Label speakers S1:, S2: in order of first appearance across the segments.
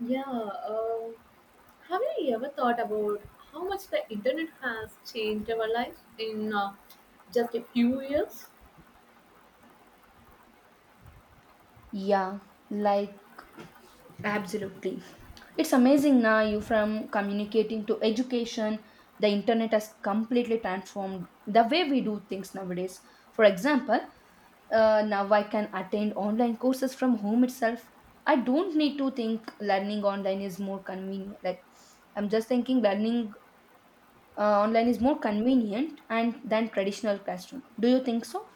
S1: Yeah, have you ever thought about how much the internet has changed our life in just a few years?
S2: Yeah, like absolutely. It's amazing now you from communicating to education, the internet has completely transformed the way we do things nowadays. For example, now I can attend online courses from home itself. I don't need to think learning online is more convenient. Like I'm just thinking learning online is more convenient and than traditional classroom. Do you think so?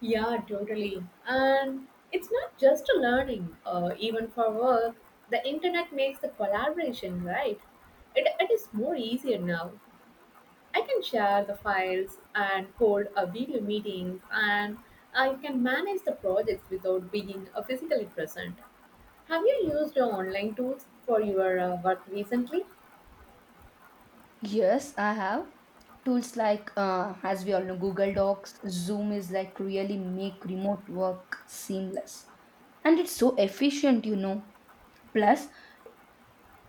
S1: Yeah, totally. And it's not just a learning, even for work, the internet makes the collaboration, right? It is more easier now. I can share the files and hold a video meeting, and I can manage the projects without being physically present. Have you used online tools for your work recently?
S2: Yes, I have. Tools like, as we all know, Google Docs, Zoom is like really make remote work seamless. And it's so efficient, you know. Plus,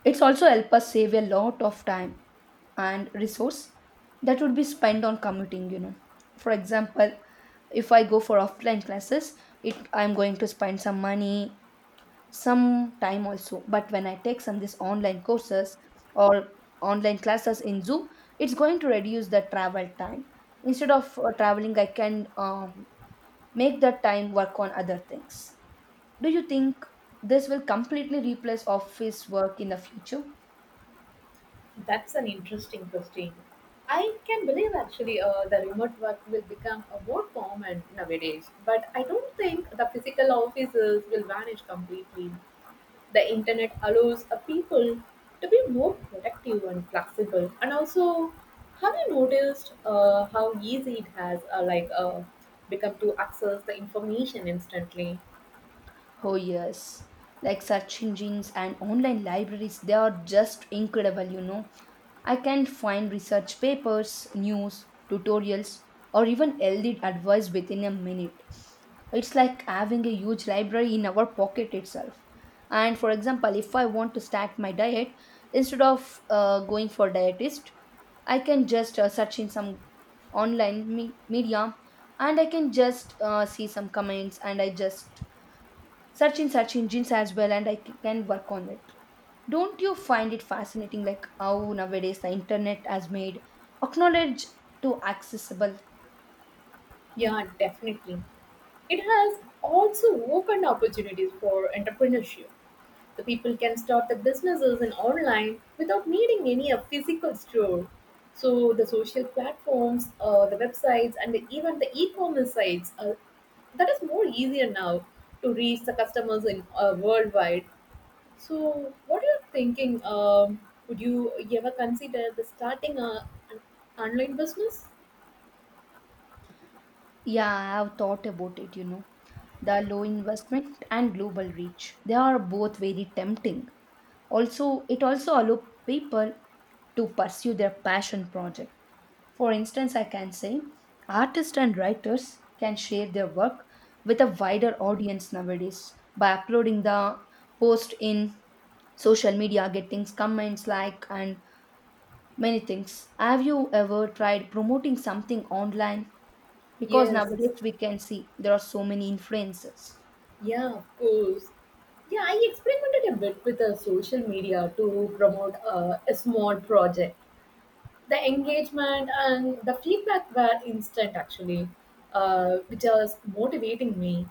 S2: it's also help us save a lot of time and resource that would be spent on commuting, you know. For example, if I go for offline classes, it I'm going to spend some money some time also. But when I take some this online courses or online classes in Zoom, it's going to reduce the travel time instead of traveling I can make that time work on other things. Do you think this will completely replace office work in the future?
S1: That's an interesting question. I can believe actually the remote work will become a more common nowadays, but I don't think the physical offices will vanish completely. The internet allows people to be more productive and flexible. And also, have you noticed how easy it has become to access the information instantly?
S2: Oh yes, like search engines and online libraries, they are just incredible, you know. I can find research papers, news, tutorials, or even LD advice within a minute. It's like having a huge library in our pocket itself. And for example, if I want to start my diet, instead of going for dietist, I can just search in some online media, and I can just see some comments, and I just search in search engines as well, and I can work on it. Don't you find it fascinating like how nowadays the internet has made acknowledge to accessible?
S1: Yeah, definitely. It has also opened opportunities for entrepreneurship. The people can start the businesses in online without needing any a physical store. So the social platforms, the websites, and even the e-commerce sites, that is more easier now to reach the customers in worldwide. So what are you thinking? Would you ever consider the starting an online business?
S2: Yeah, I have thought about it, you know. The low investment and global reach. They are both very tempting. Also, it also allows people to pursue their passion project. For instance, I can say artists and writers can share their work with a wider audience nowadays by uploading the post in social media, getting comments like and many things. Have you ever tried promoting something online? Because
S1: Yes,
S2: nowadays we can see there are so many influencers.
S1: yeah, of course. Yeah, I experimented a bit with social media to promote a small project. The engagement and the feedback were instant, actually, which was motivating me.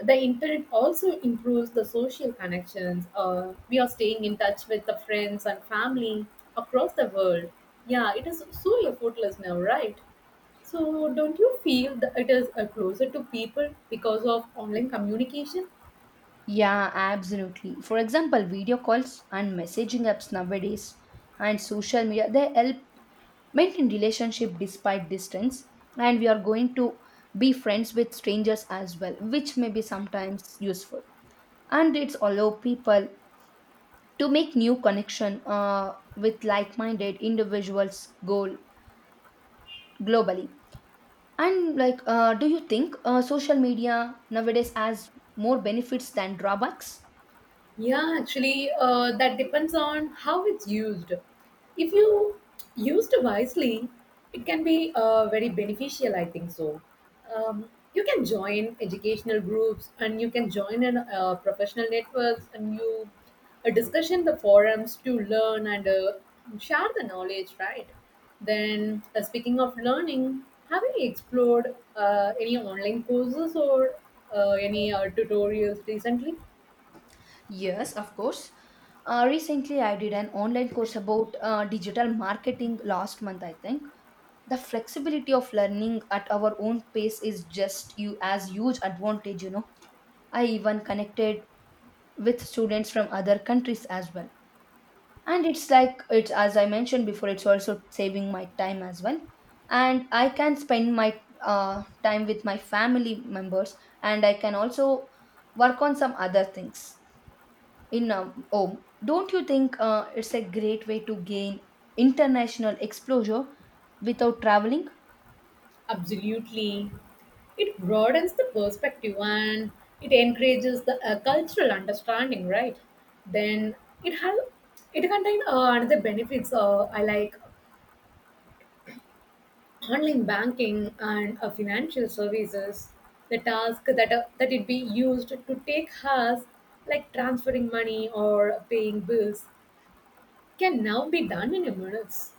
S1: The internet also improves the social connections. We are staying in touch with the friends and family across the world. Yeah, it is so effortless now, right? So, don't you feel that it is closer to people because of online communication?
S2: Yeah, absolutely. For example, video calls and messaging apps nowadays and social media, they help maintain relationship despite distance, and we are going to be friends with strangers as well, which may be sometimes useful. And it's allow people to make new connection with like-minded individuals goal globally. And like, do you think social media nowadays has more benefits than drawbacks?
S1: Yeah, actually, that depends on how it's used. If you used wisely, it can be very beneficial, I think so. You can join educational groups and you can join in professional networks and you discuss in the forums to learn and share the knowledge, right? Then, speaking of learning, have you explored any online courses or any tutorials recently?
S2: Yes, of course. Recently, I did an online course about digital marketing last month, I think. The flexibility of learning at our own pace is just you as huge advantage, you know. I even connected with students from other countries as well. And it's like it's as I mentioned before, it's also saving my time as well, and I can spend my time with my family members, and I can also work on some other things in home. Don't you think it's a great way to gain international exposure without traveling?
S1: Absolutely. It broadens the perspective and it encourages the cultural understanding, right? Then it has it contains another benefits I like online banking and financial services. The task that it be used to take us like transferring money or paying bills can now be done in a minutes.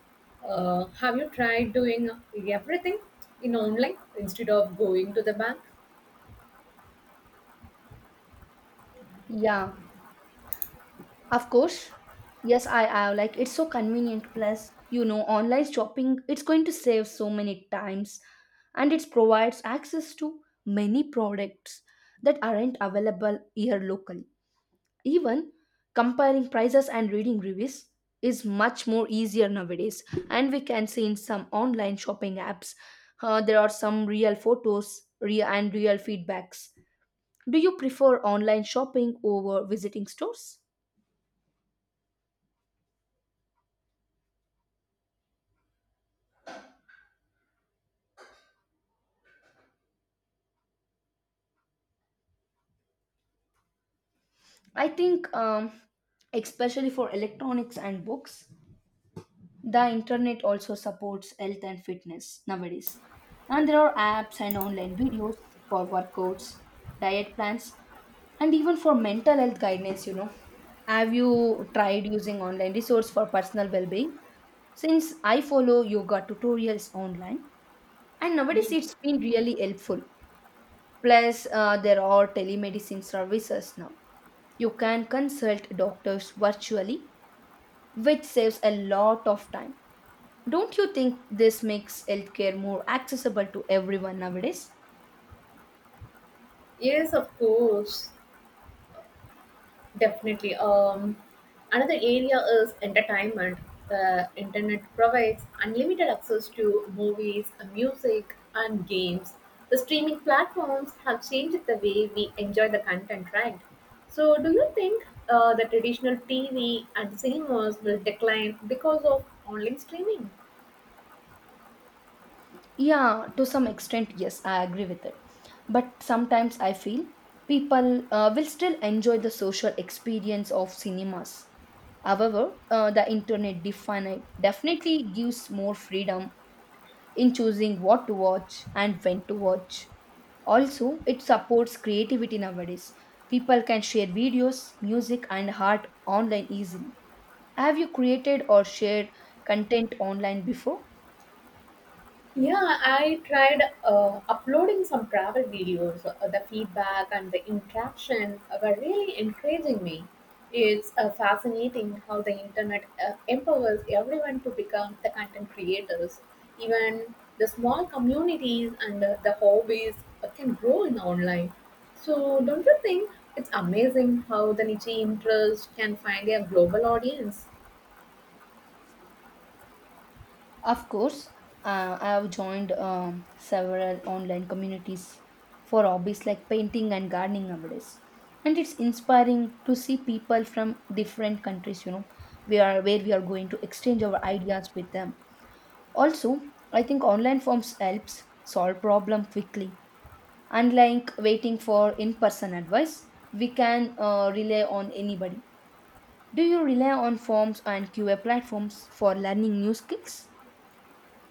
S1: Have you tried doing everything in online instead of going to the bank?
S2: Yeah, of course. Yes, I have. Like, it's so convenient. Plus, you know, online shopping, it's going to save so many times, and it provides access to many products that aren't available here locally. Even comparing prices and reading reviews is much more easier nowadays. And we can see in some online shopping apps, there are some real photos real and real feedbacks. Do you prefer online shopping over visiting stores? I think, especially for electronics and books, the internet also supports health and fitness nowadays. And there are apps and online videos for workouts, diet plans, and even for mental health guidance, you know. Have you tried using online resource for personal well-being? Since I follow yoga tutorials online, and nowadays
S1: Ye-
S2: it's been really helpful. Plus, there are telemedicine services now. You can consult doctors virtually, which saves a lot of time. Don't you think this makes healthcare more accessible to everyone nowadays?
S1: Yes, of course, definitely. Another area is entertainment. The internet provides unlimited access to movies, music, and games. The streaming platforms have changed the way we enjoy the content, right? So, do you think the traditional TV and cinemas will decline because of online streaming?
S2: Yeah, to some extent, yes, I agree with it. But sometimes I feel people will still enjoy the social experience of cinemas. However, the internet definitely gives more freedom in choosing what to watch and when to watch. Also, it supports creativity nowadays. People can share videos, music, and art online easily. Have you created or shared content online before?
S1: Yeah, I tried uploading some travel videos. The feedback and the interaction were really encouraging me. It's fascinating how the internet empowers everyone to become the content creators. Even the small communities and the hobbies can grow in online. So, don't you think it's amazing how the niche interest can find a global audience?
S2: Of course, I have joined several online communities for hobbies like painting and gardening nowadays. And it's inspiring to see people from different countries, you know, we are where we are going to exchange our ideas with them. Also, I think online forms helps solve problem quickly. Unlike waiting for in person advice, we can rely on anybody. Do you rely on forms and QA platforms for learning new skills?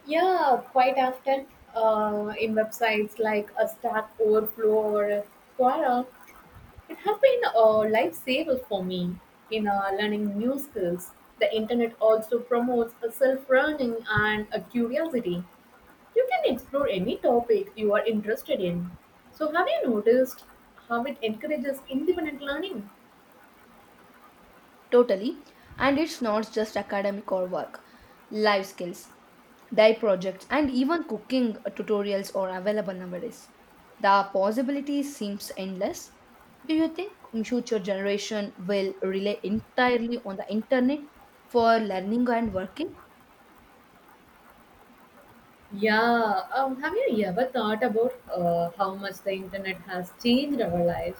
S1: Yeah, quite often in websites like a Stack Overflow or Quora, it has been a lifesaver for me in learning new skills. The internet also promotes a self-learning and a curiosity. You can explore any topic you are interested in. So, have you noticed how it encourages independent learning?
S2: Totally. And it's not just academic or work, life skills, dye projects, and even cooking tutorials are available nowadays. The possibilities seems endless. Do you think future generation will rely entirely on the internet for learning and working?
S1: Yeah, have you ever thought about how much the internet has changed our lives?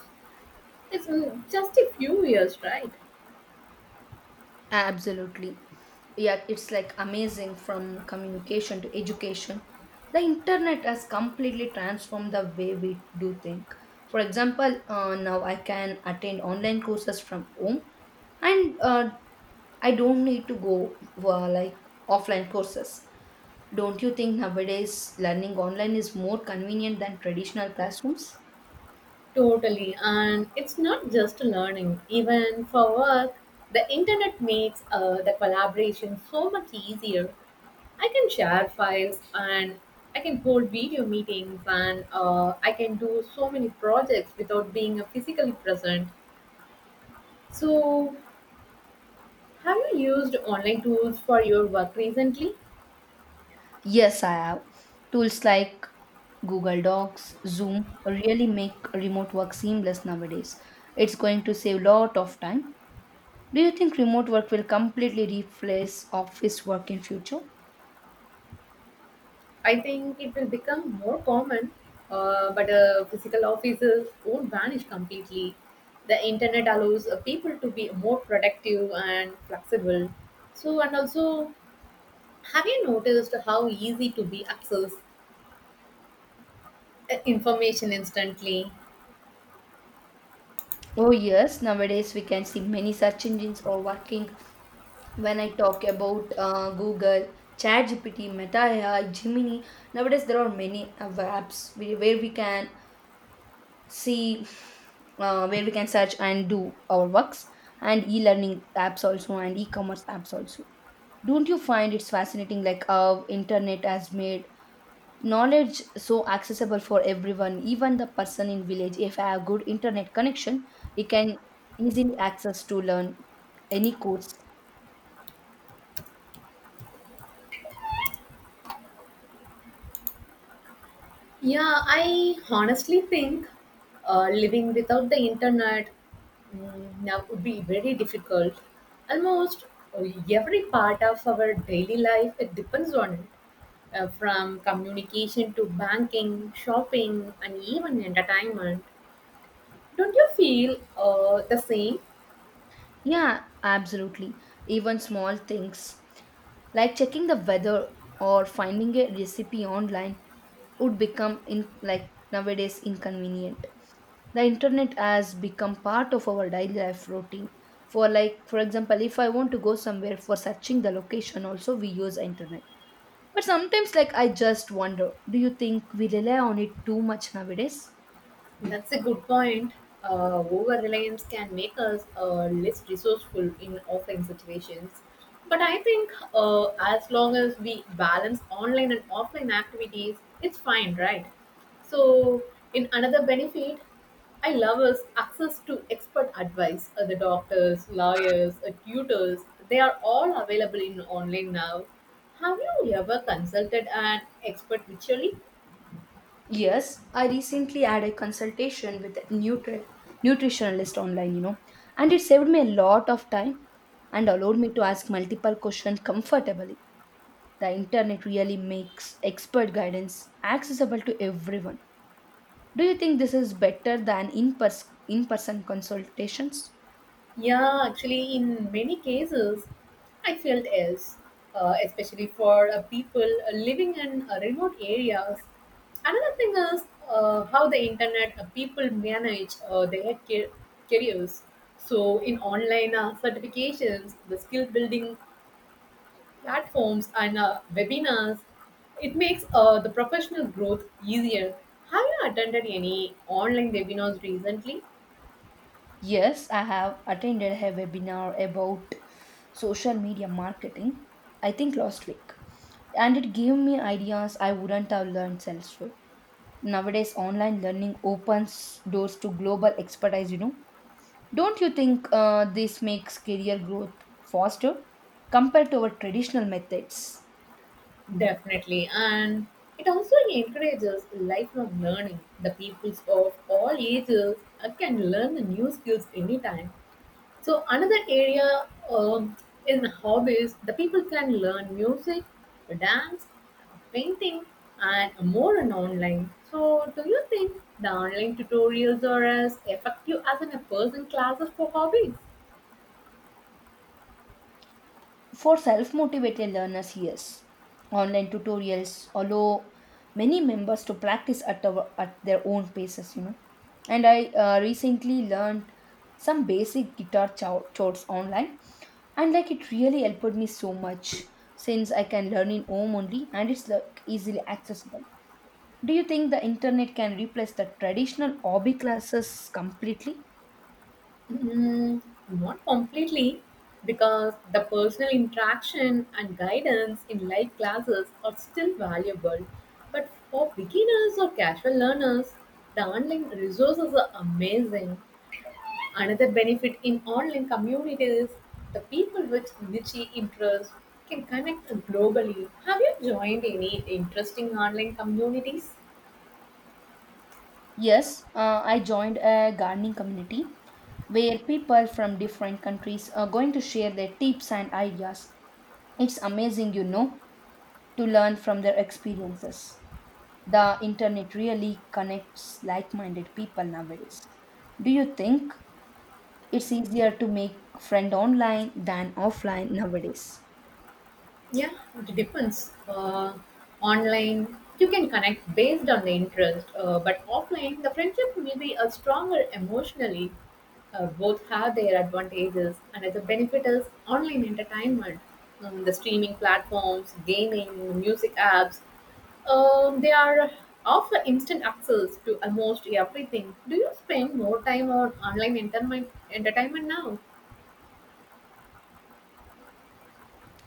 S1: It's just a few years, right?
S2: Absolutely. Yeah, it's like amazing from communication to education. The internet has completely transformed the way we do think. For example, now I can attend online courses from home, and I don't need to go for like offline courses. Don't you think nowadays learning online is more convenient than traditional classrooms?
S1: Totally. And it's not just learning, even for work. The internet makes the collaboration so much easier. I can share files and I can hold video meetings and I can do so many projects without being physically present. So, have you used online tools for your work recently?
S2: Yes, I have. Tools like Google Docs, Zoom really make remote work seamless nowadays. It's going to save a lot of time. Do you think remote work will completely replace office work in future?
S1: I think it will become more common, but physical offices won't vanish completely. The internet allows people to be more productive and flexible. So, and also, have you noticed how easy to be access information instantly?
S2: Oh yes, nowadays we can see many search engines are working. When I talk about Google, ChatGPT, Meta AI, Gemini, nowadays there are many apps where we can see where we can search and do our works, and e-learning apps also, and e-commerce apps also. Don't you find it's fascinating like how internet has made knowledge so accessible for everyone? Even the person in village, if I have good internet connection, he can easily access to learn any course.
S1: Yeah, I honestly think living without the internet now would be very difficult. Almost uh, every part of our daily life it depends on it, from communication to banking, shopping, and even entertainment. Don't you feel the same?
S2: Yeah, absolutely. Even small things like checking the weather or finding a recipe online would become in like nowadays inconvenient. The internet has become part of our daily life routine. For like for example, if I want to go somewhere for searching the location also, we use internet. But sometimes like I just wonder, do you think we rely on it too much nowadays?
S1: That's a good point. Over reliance can make us less resourceful in offline situations. But I think as long as we balance online and offline activities, it's fine, right? So, in another benefit, I love is access to expert advice. The doctors, lawyers, tutors, they are all available in online now. Have you ever consulted an expert virtually?
S2: Yes, I recently had a consultation with a nutritionalist online, you know, and it saved me a lot of time, and allowed me to ask multiple questions comfortably. The internet really makes expert guidance accessible to everyone. Do you think this is better than in person consultations?
S1: Yeah, actually, in many cases, I felt else, especially for people living in remote areas. Another thing is how the internet people manage their careers. So, in online certifications, the skill building platforms, and webinars, it makes the professional growth easier. Have you attended any online webinars recently?
S2: Yes, I have attended a webinar about social media marketing, I think last week, and it gave me ideas I wouldn't have learned elsewhere. Nowadays, online learning opens doors to global expertise, you know. Don't you think this makes career growth faster compared to our traditional methods?
S1: Definitely. And it also encourages lifelong learning. The peoples of all ages can learn the new skills anytime. So, another area in hobbies, the people can learn music, dance, painting, and more on online. So, do you think the online tutorials are as effective as in a person classes for hobbies?
S2: For self motivated learners, yes. Online tutorials allow many members to practice at, our, at their own paces, you know. And I recently learned some basic guitar chords online, and like it really helped me so much since I can learn in home only, and it's like easily accessible. Do you think the internet can replace the traditional hobby classes completely?
S1: Mm, not completely, because the personal interaction and guidance in live classes are still valuable. But for beginners or casual learners, the online resources are amazing. Another benefit in online communities, the people with niche interests can connect globally. Have you joined any interesting online communities?
S2: Yes, I joined a gardening community where people from different countries are going to share their tips and ideas. It's amazing, you know, to learn from their experiences. The internet really connects like minded people nowadays. Do you think it's easier to make friend online than offline nowadays?
S1: Yeah, it depends. Online, you can connect based on the interest, but offline, the friendship will be stronger emotionally. Both have their advantages. Another benefit is online entertainment. The streaming platforms, gaming, music apps, they are offer instant access to almost everything. Do you spend more time on online entertainment now?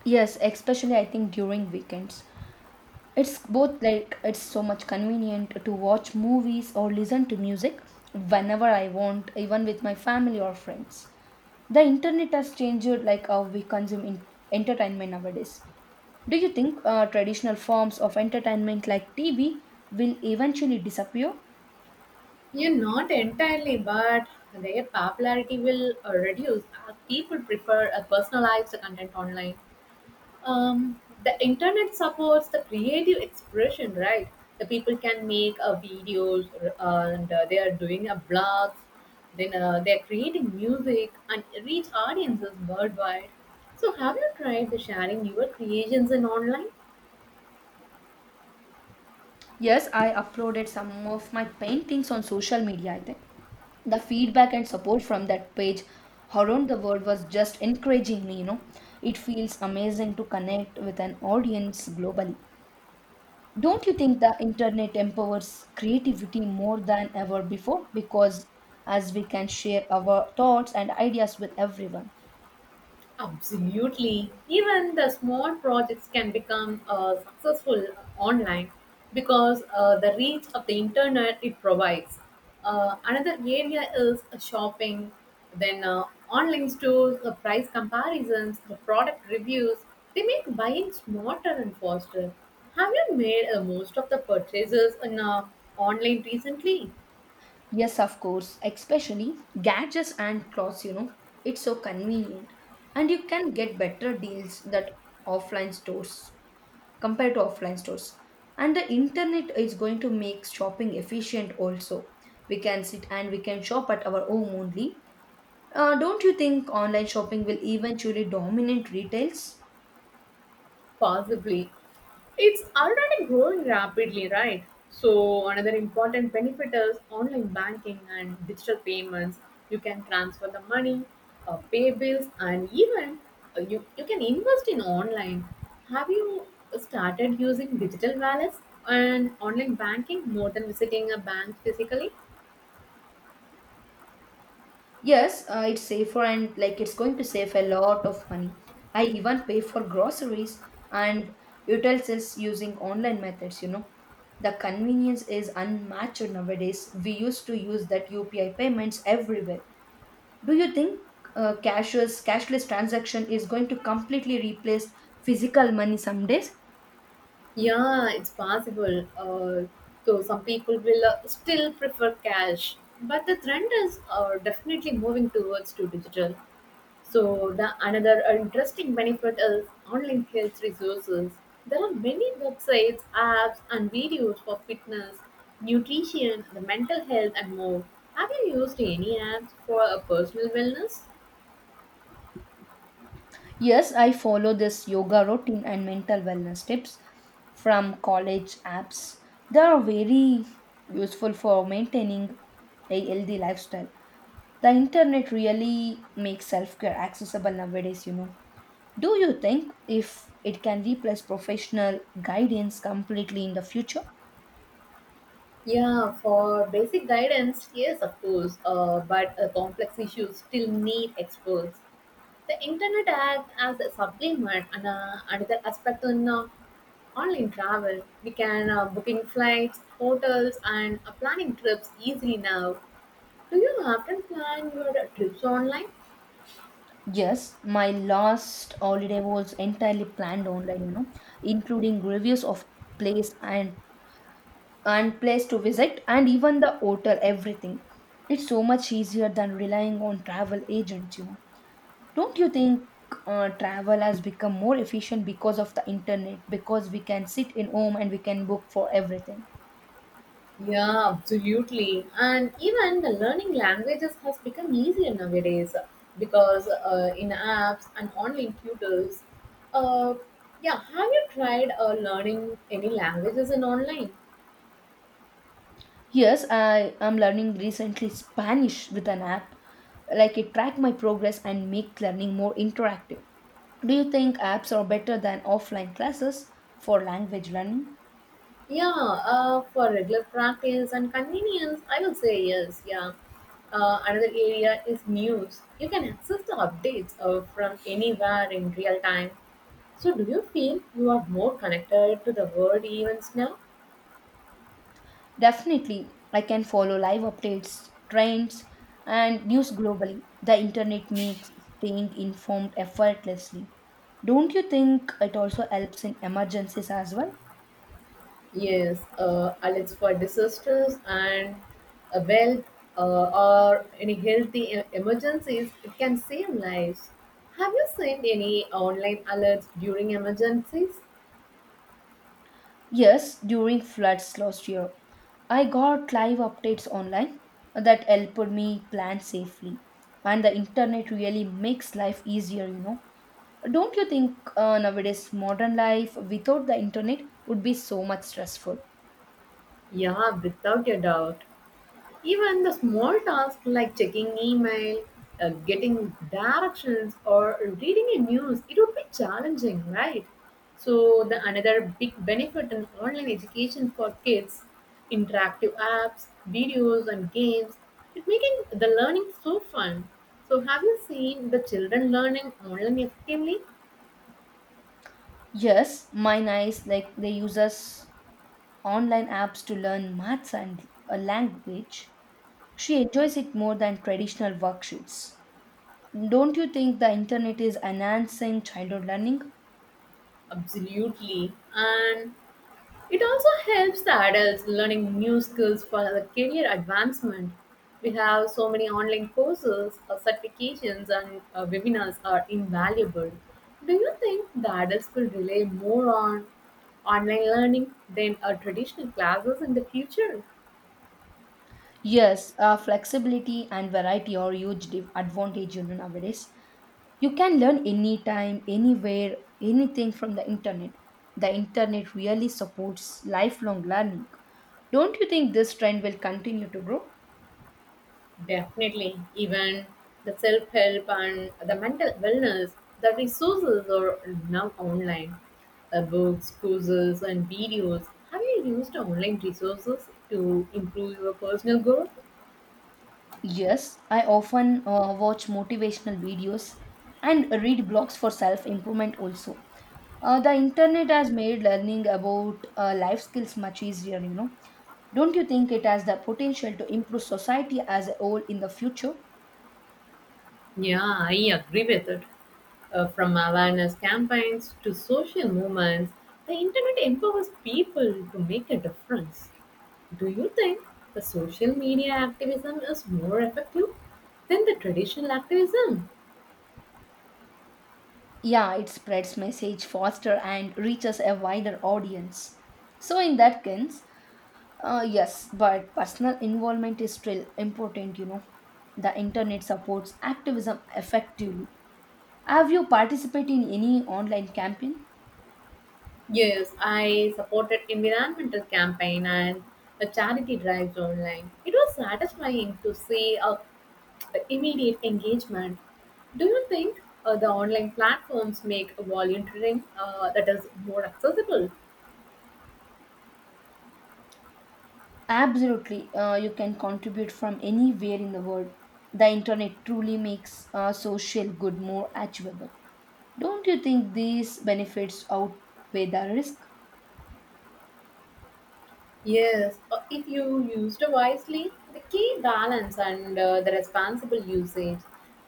S2: Yes, especially I think during weekends. It's both like it's so much convenient to watch movies or listen to music whenever I want, even with my family or friends. The internet has changed like how we consume entertainment nowadays. Do you think traditional forms of entertainment like TV will eventually disappear?
S1: Yeah, not entirely, but their popularity will reduce as people prefer a personalized content online. The internet supports the creative expression, right? The people can make videos and they are doing a blogs, then they are creating music and reach audiences worldwide. So, have you tried the sharing your creations in online?
S2: Yes, I uploaded some of my paintings on social media, I think. The feedback and support from that page around the world was just encouraging me, you know. It feels amazing to connect with an audience globally. Don't you think the internet empowers creativity more than ever before? Because as we can share our thoughts and ideas with everyone.
S1: Absolutely. Even the small projects can become successful online because the reach of the internet it provides. Another area is shopping, then online stores, price comparisons, the product reviews. They make buying smarter and faster. Have you made most of the purchases in online recently?
S2: Yes, of course, especially gadgets and clothes, you know, it's so convenient, and you can get better deals that offline stores compared to offline stores. And the internet is going to make shopping efficient also. We can sit and we can shop at our home only. Don't you think online shopping will eventually dominate retails?
S1: Possibly. It's already growing rapidly, right? So, another important benefit is online banking and digital payments. You can transfer the money, pay bills, and even you can invest in online. Have you started using digital wallets and online banking more than visiting a bank physically?
S2: Yes, it's safer and like it's going to save a lot of money. I even pay for groceries and utensils using online methods, you know. The convenience is unmatched nowadays. We used to use that UPI payments everywhere. Do you think cashless transaction is going to completely replace physical money some days?
S1: Yeah, it's possible. So, some people will still prefer cash, but the trend is definitely moving towards to digital. So the another interesting benefit is online health resources. There are many websites, apps, and videos for fitness, nutrition, the mental health, and more. Have you used any apps for personal wellness?
S2: Yes, I follow this yoga routine and mental wellness tips from college apps. They are very useful for maintaining a healthy lifestyle. The internet really makes self care accessible nowadays. Do you think if it can replace professional guidance completely in the future?
S1: Yeah, for basic guidance, yes, of course. But complex issues still need experts. The internet acts as a supplement, and another aspect in online travel. We can booking flights, hotels, and planning trips easily now. Do you often plan your trips online?
S2: Yes, my last holiday was entirely planned online, including reviews of place and place to visit and even the hotel everything, it's so much easier than relying on travel agents, you know? Don't you think travel has become more efficient because of the internet, because we can sit in home and we can book for everything?
S1: Yeah, absolutely. And even the learning languages has become easier nowadays because in apps and online tutors. Uh, yeah, have you tried learning any languages in online?
S2: Yes, I am learning recently Spanish with an app. Like, it track my progress and make learning more interactive. Do you think apps are better than offline classes for language learning?
S1: Yeah, for regular practice and convenience, I would say yes. Yeah. Another area is news. You can access the updates from anywhere in real time. So, do you feel you are more connected to the world events now?
S2: Definitely, I can follow live updates, trends, and news globally. The internet makes staying informed effortlessly. Don't you think it also helps in emergencies as well?
S1: Yes, alerts for disasters and a wealth or any healthy emergencies, it can save lives. Have you seen any online alerts during emergencies?
S2: Yes, during floods last year, I got live updates online that helped me plan safely. And the internet really makes life easier. Don't you think nowadays modern life without the internet would be so much stressful?
S1: Yeah, without a doubt. Even the small tasks like checking email, getting directions, or reading a news, it would be challenging, right? So the another big benefit in online education for kids, interactive apps, videos, and games, it making the learning so fun. So have you seen the children learning online effectively?
S2: Yes, mine eyes like they use us online apps to learn maths and a language. She enjoys it more than traditional worksheets. Don't you think the internet is enhancing childhood learning?
S1: Absolutely, and it also helps the adults learning new skills for the career advancement. We have so many online courses, certifications, and webinars are invaluable. Do you think the adults will rely more on online learning than traditional classes in the future?
S2: Yes, flexibility and variety are huge div- advantage nowadays. You can learn anytime, anywhere, anything from the internet. The internet really supports lifelong learning. Don't you think this trend will continue to grow?
S1: Definitely, even the self help and the mental wellness, the resources are now online. Books, courses, and videos. Have you used online resources to improve your personal growth?
S2: Yes, I often watch motivational videos and read blogs for self improvement also. The internet has made learning about life skills much easier. Don't you think it has the potential to improve society as a whole in the future?
S1: Yeah, I agree with it. From awareness campaigns to social movements, the internet empowers people to make a difference. Do you think the social media activism is more effective than the traditional activism?
S2: Yeah, it spreads message faster and reaches a wider audience. So in that sense, yes, but personal involvement is still important. The internet supports activism effectively. Have you participated in any online campaign?
S1: Yes, I supported environmental campaign and a charity drives online. It was satisfying to see a immediate engagement. Do you think the online platforms make volunteering that is more accessible?
S2: Absolutely. You can contribute from anywhere in the world. The internet truly makes social good more achievable. Don't you think these benefits outweigh the risk?
S1: Yes, if you used wisely, the key balance and the responsible usage.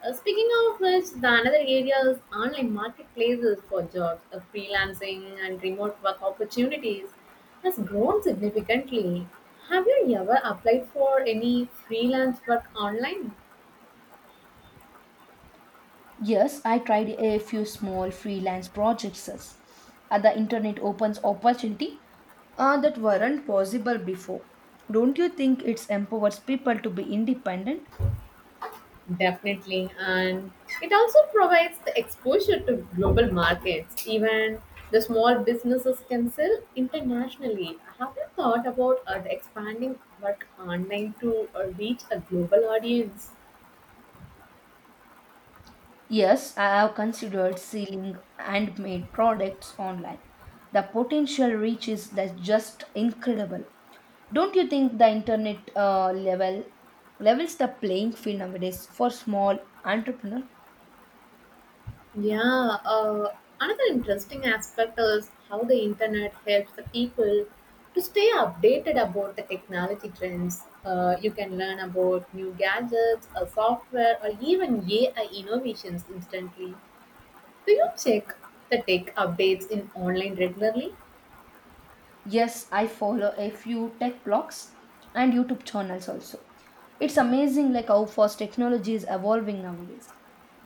S1: Speaking of which, the another area is online marketplaces for jobs, freelancing and remote work opportunities has grown significantly. Have you ever applied for any freelance work online?
S2: Yes, I tried a few small freelance projects. The internet opens opportunity that weren't possible before. Don't you think it empowers people to be independent?
S1: Definitely. And it also provides the exposure to global markets. Even the small businesses can sell internationally. Have you thought about the expanding work online to reach a global audience?
S2: Yes, I have considered selling handmade products online. The potential reach is like just incredible. Don't you think the internet levels the playing field nowadays for small entrepreneur?
S1: Yeah. Another interesting aspect is how the internet helps the people to stay updated about the technology trends. You can learn about new gadgets, software, or even AI innovations instantly. Do you check the tech updates in online regularly?
S2: Yes, I follow a few tech blogs and YouTube channels also. It's amazing like how fast technology is evolving nowadays,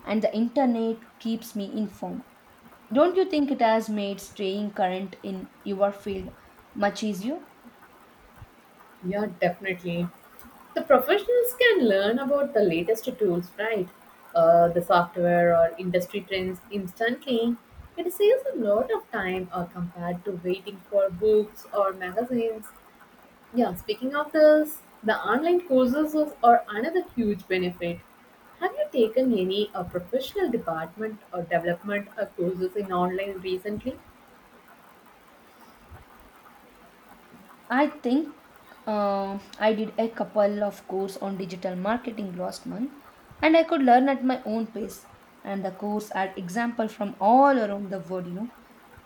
S2: and the internet keeps me informed. Don't you think it has made staying current in your field much easier?
S1: Yeah, definitely. The professionals can learn about the latest tools, right? The software or industry trends instantly. It saves a lot of time compared to waiting for books or magazines. Yeah, speaking of this, the online courses are another huge benefit. Have you taken any professional department or development courses in online recently?
S2: I think I did a couple of course on digital marketing last month, and I could learn at my own pace, and the course had example from all around the world, you know?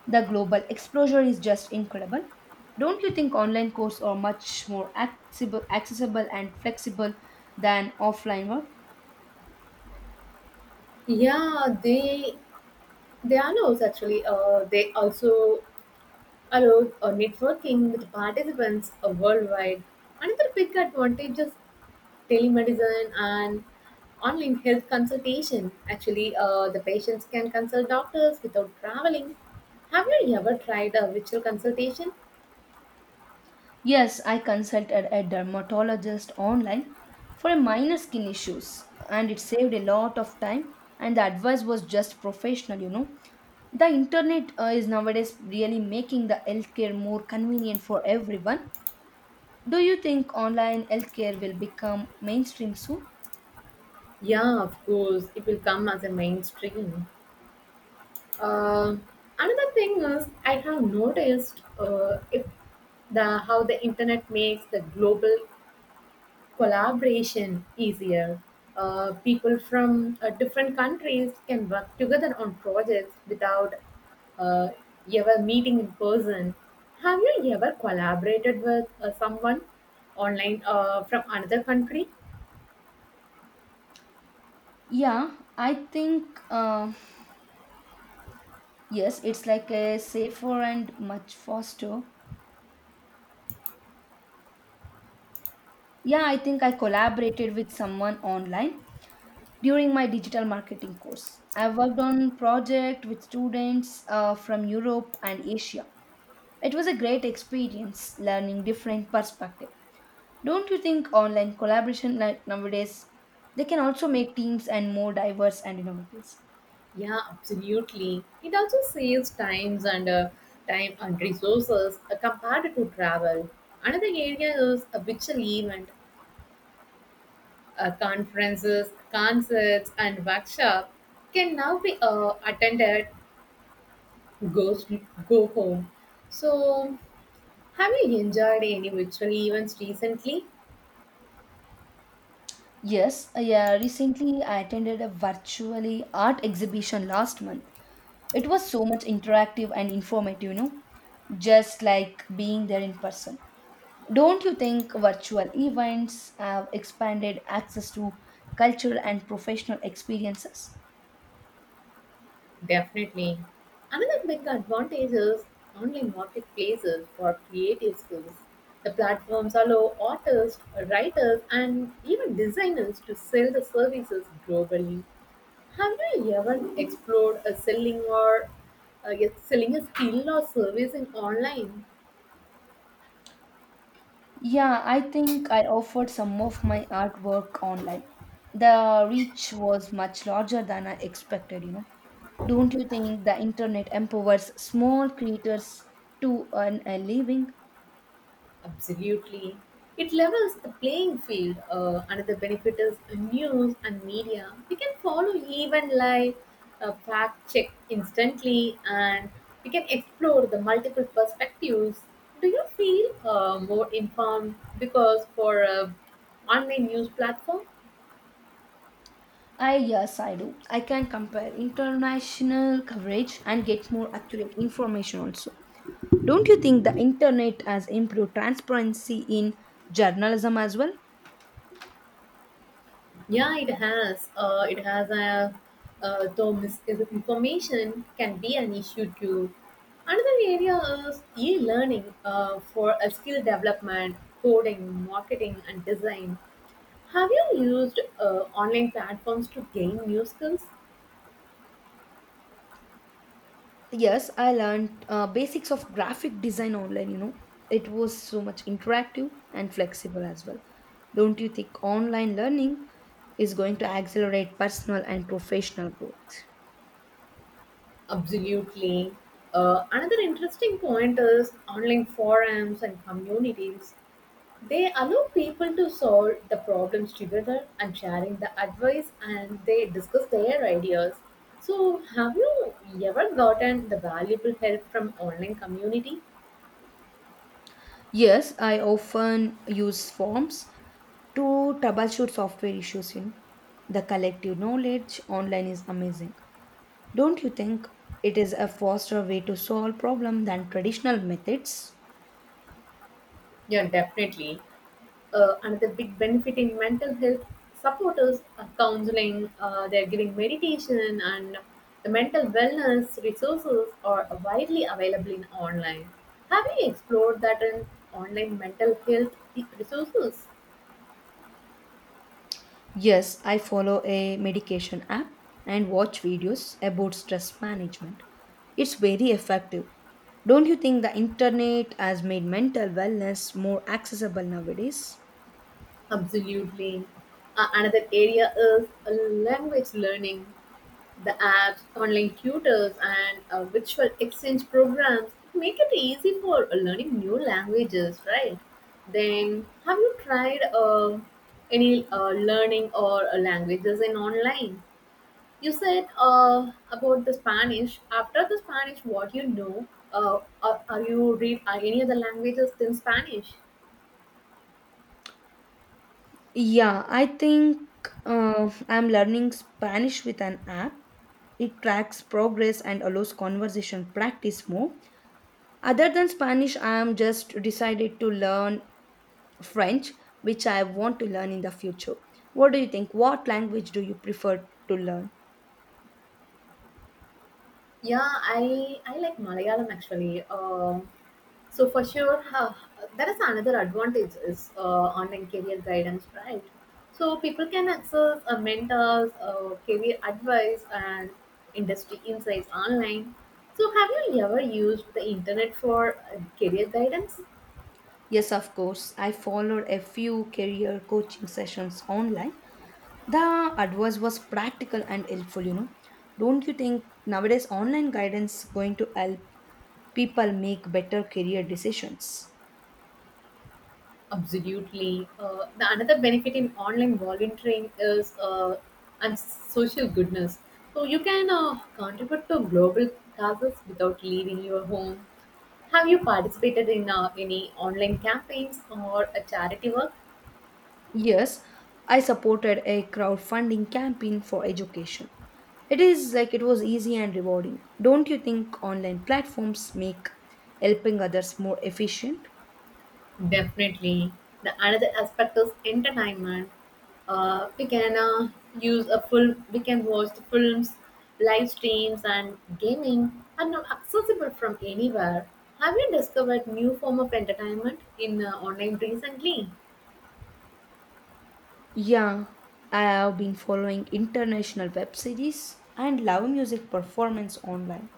S2: The global exposure is just incredible. Don't you think online courses are much more accessible and flexible than offline one?
S1: Yeah, they allows actually they also allow networking with participants worldwide. Another big advantage is telemedicine and online health consultation. Actually, the patients can consult doctors without traveling. Have you ever tried a virtual consultation?
S2: Yes, I consulted a dermatologist online for a minor skin issues, and it saved a lot of time and the advice was just professional, you know. The internet is nowadays really making the healthcare more convenient for everyone. Do you think online healthcare will become mainstream soon?
S1: Yeah, of course, it will come as a mainstream. Uh, Another thing is I have noticed if the how the internet makes the global collaboration easier. People from different countries can work together on projects without uh, ever meeting in person. Have you ever collaborated with someone online from another country?
S2: Yeah, I think yes, it's like a safer and much faster. Yeah, I think I collaborated with someone online during my digital marketing course. I worked on project with students from Europe and Asia. It was a great experience learning different perspective. Don't you think online collaboration like nowadays they can also make teams and more diverse and innovative?
S1: Yeah, absolutely. It also saves time and resources compared to travel. Another area is a virtual event. Conferences, concerts, and workshops can now be attended go, go home. So, have you enjoyed any virtual events recently?
S2: Yes, yeah, recently I attended a virtually art exhibition last month. It was so much interactive and informative, you know, just like being there in person. Don't you think virtual events have expanded access to cultural and professional experiences?
S1: Definitely. Another big advantage is online marketplaces for creative skills. The platforms allow artists, writers, and even designers to sell the services globally. Have you ever explored a selling or yes, selling a skill or service in online?
S2: Yeah, I think I offered some of my artwork online. The reach was much larger than I expected. Don't you think the internet empowers small creators to earn a living?
S1: Absolutely. It levels the playing field. Another benefit is news and media. We can follow even live, fact check instantly, and we can explore the multiple perspectives. Do you feel more informed because for a online news platform?
S2: I yes, I do. I can compare international coverage and get more accurate information also. Don't you think the internet has improved transparency in journalism as well?
S1: Yeah, it has. It has a Though misinformation can be an issue too. Another area is e-learning for a skill development, coding, marketing, and design. Have you used online platforms to gain new skills?
S2: Yes, I learned basics of graphic design online. It was so much interactive and flexible as well. Don't you think online learning is going to accelerate personal and professional growth?
S1: Absolutely. Another interesting point is online forums and communities. They allow people to solve the problems together and sharing the advice and they discuss their ideas. So, have you ever gotten the valuable help from online community?
S2: Yes, I often use forms to troubleshoot software issues. The collective knowledge online is amazing. Don't you think it is a faster way to solve problem than traditional methods?
S1: Yeah, definitely. Another big benefit in mental health supporters are counseling, they're giving meditation and the mental wellness resources are widely available in online. Have you explored that in online mental health resources?
S2: Yes, I follow a medication app and watch videos about stress management. It's very effective. Don't you think the internet has made mental wellness more accessible nowadays?
S1: Absolutely. Another area is language learning. The apps, online tutors, and virtual exchange programs make it easy for learning new languages, right? Then, have you tried any learning or languages in online? You said about the Spanish. After the Spanish, what you know? Are you read are any other languages than Spanish?
S2: Yeah, I think I'm learning Spanish with an app. It tracks progress and allows conversation practice more. Other than Spanish, I am just decided to learn French, which I want to learn in the future. What do you think? What language do you prefer to learn?
S1: Yeah, I like Malayalam actually. So for sure, huh, that is another advantage is online career guidance, right? So people can access mentors, career advice, and industry insights online. So have you ever used the internet for career guidance?
S2: Yes, of course. I followed a few career coaching sessions online. The advice was practical and helpful, you know. Don't you think nowadays online guidance going to help people make better career decisions?
S1: Absolutely. The another benefit in online volunteering is and social goodness. So you can contribute to global causes without leaving your home. Have you participated in any online campaigns or a charity work?
S2: Yes, I supported a crowdfunding campaign for education. It is like it was easy and rewarding. Don't you think online platforms make helping others more efficient?
S1: Definitely. The another aspect is entertainment. We can use a full. We can watch the films, live streams, and gaming are now accessible from anywhere. Have you discovered new form of entertainment in online recently?
S2: Yeah, I have been following international web series and live music performance online.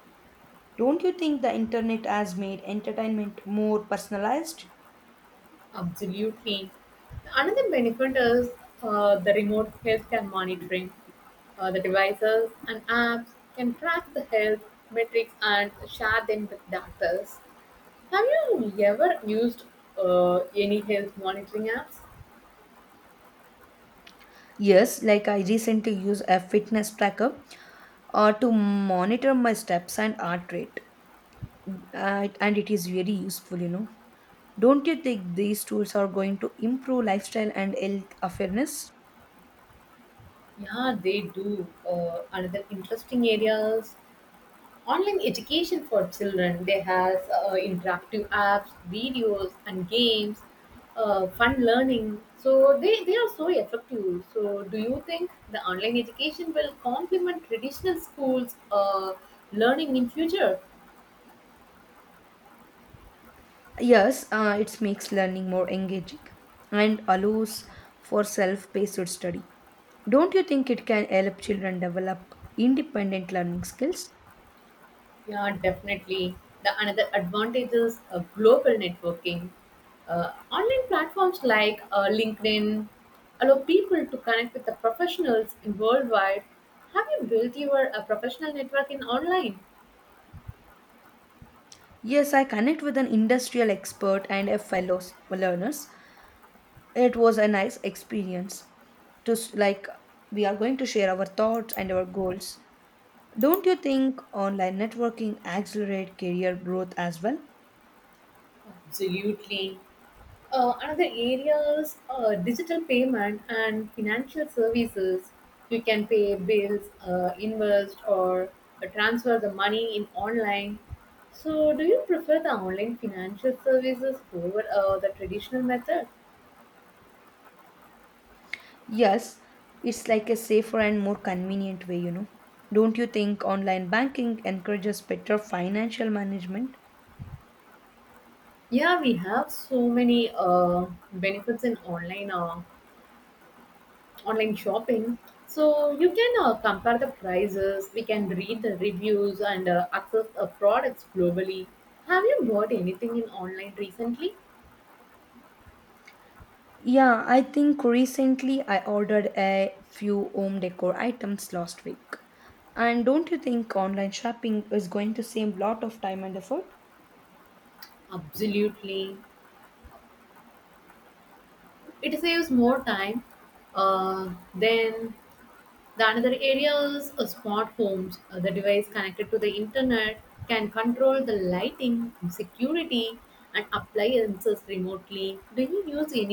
S2: Don't you think the internet has made entertainment more personalized?
S1: Absolutely. Another benefit is the remote healthcare monitoring. The devices and apps can track the health metrics and share them with doctors. Have you ever used any health monitoring apps?
S2: Yes, like I recently use a fitness tracker to monitor my steps and heart rate, and it is very useful, you know. Don't you think these tools are going to improve lifestyle and health awareness?
S1: Yeah, they do. Another interesting areas online education for children. They has interactive apps, videos, and games. Fun learning. So they are so effective. So do you think the online education will complement traditional schools learning in future?
S2: Yes, it makes learning more engaging and allows for self paced study. Don't you think it can help children develop independent learning skills?
S1: Yeah, definitely. The another advantage is global networking. Online platforms like LinkedIn allow people to connect with the professionals in worldwide. Have you built your professional network in online?
S2: Yes, I connect with an industrial expert and a fellow s- learners. It was a nice experience to s- like we are going to share our thoughts and our goals. Don't you think online networking accelerate career growth as well?
S1: Absolutely. Another areas digital payment and financial services. You can pay bills, invest, or transfer the money in online. So, do you prefer the online financial services over the traditional method?
S2: Yes, it's like a safer and more convenient way, you know. Don't you think online banking encourages better financial management?
S1: Yeah, we have so many benefits in online. Online shopping. So you can compare the prices, we can read the reviews and access products globally. Have you bought anything in online recently?
S2: Yeah, I think recently I ordered a few home decor items last week. And don't you think online shopping is going to save a lot of time and effort?
S1: Absolutely. It saves more time. Then the another area is smart homes. The device connected to the internet can control the lighting, security, and appliances remotely. Do you use any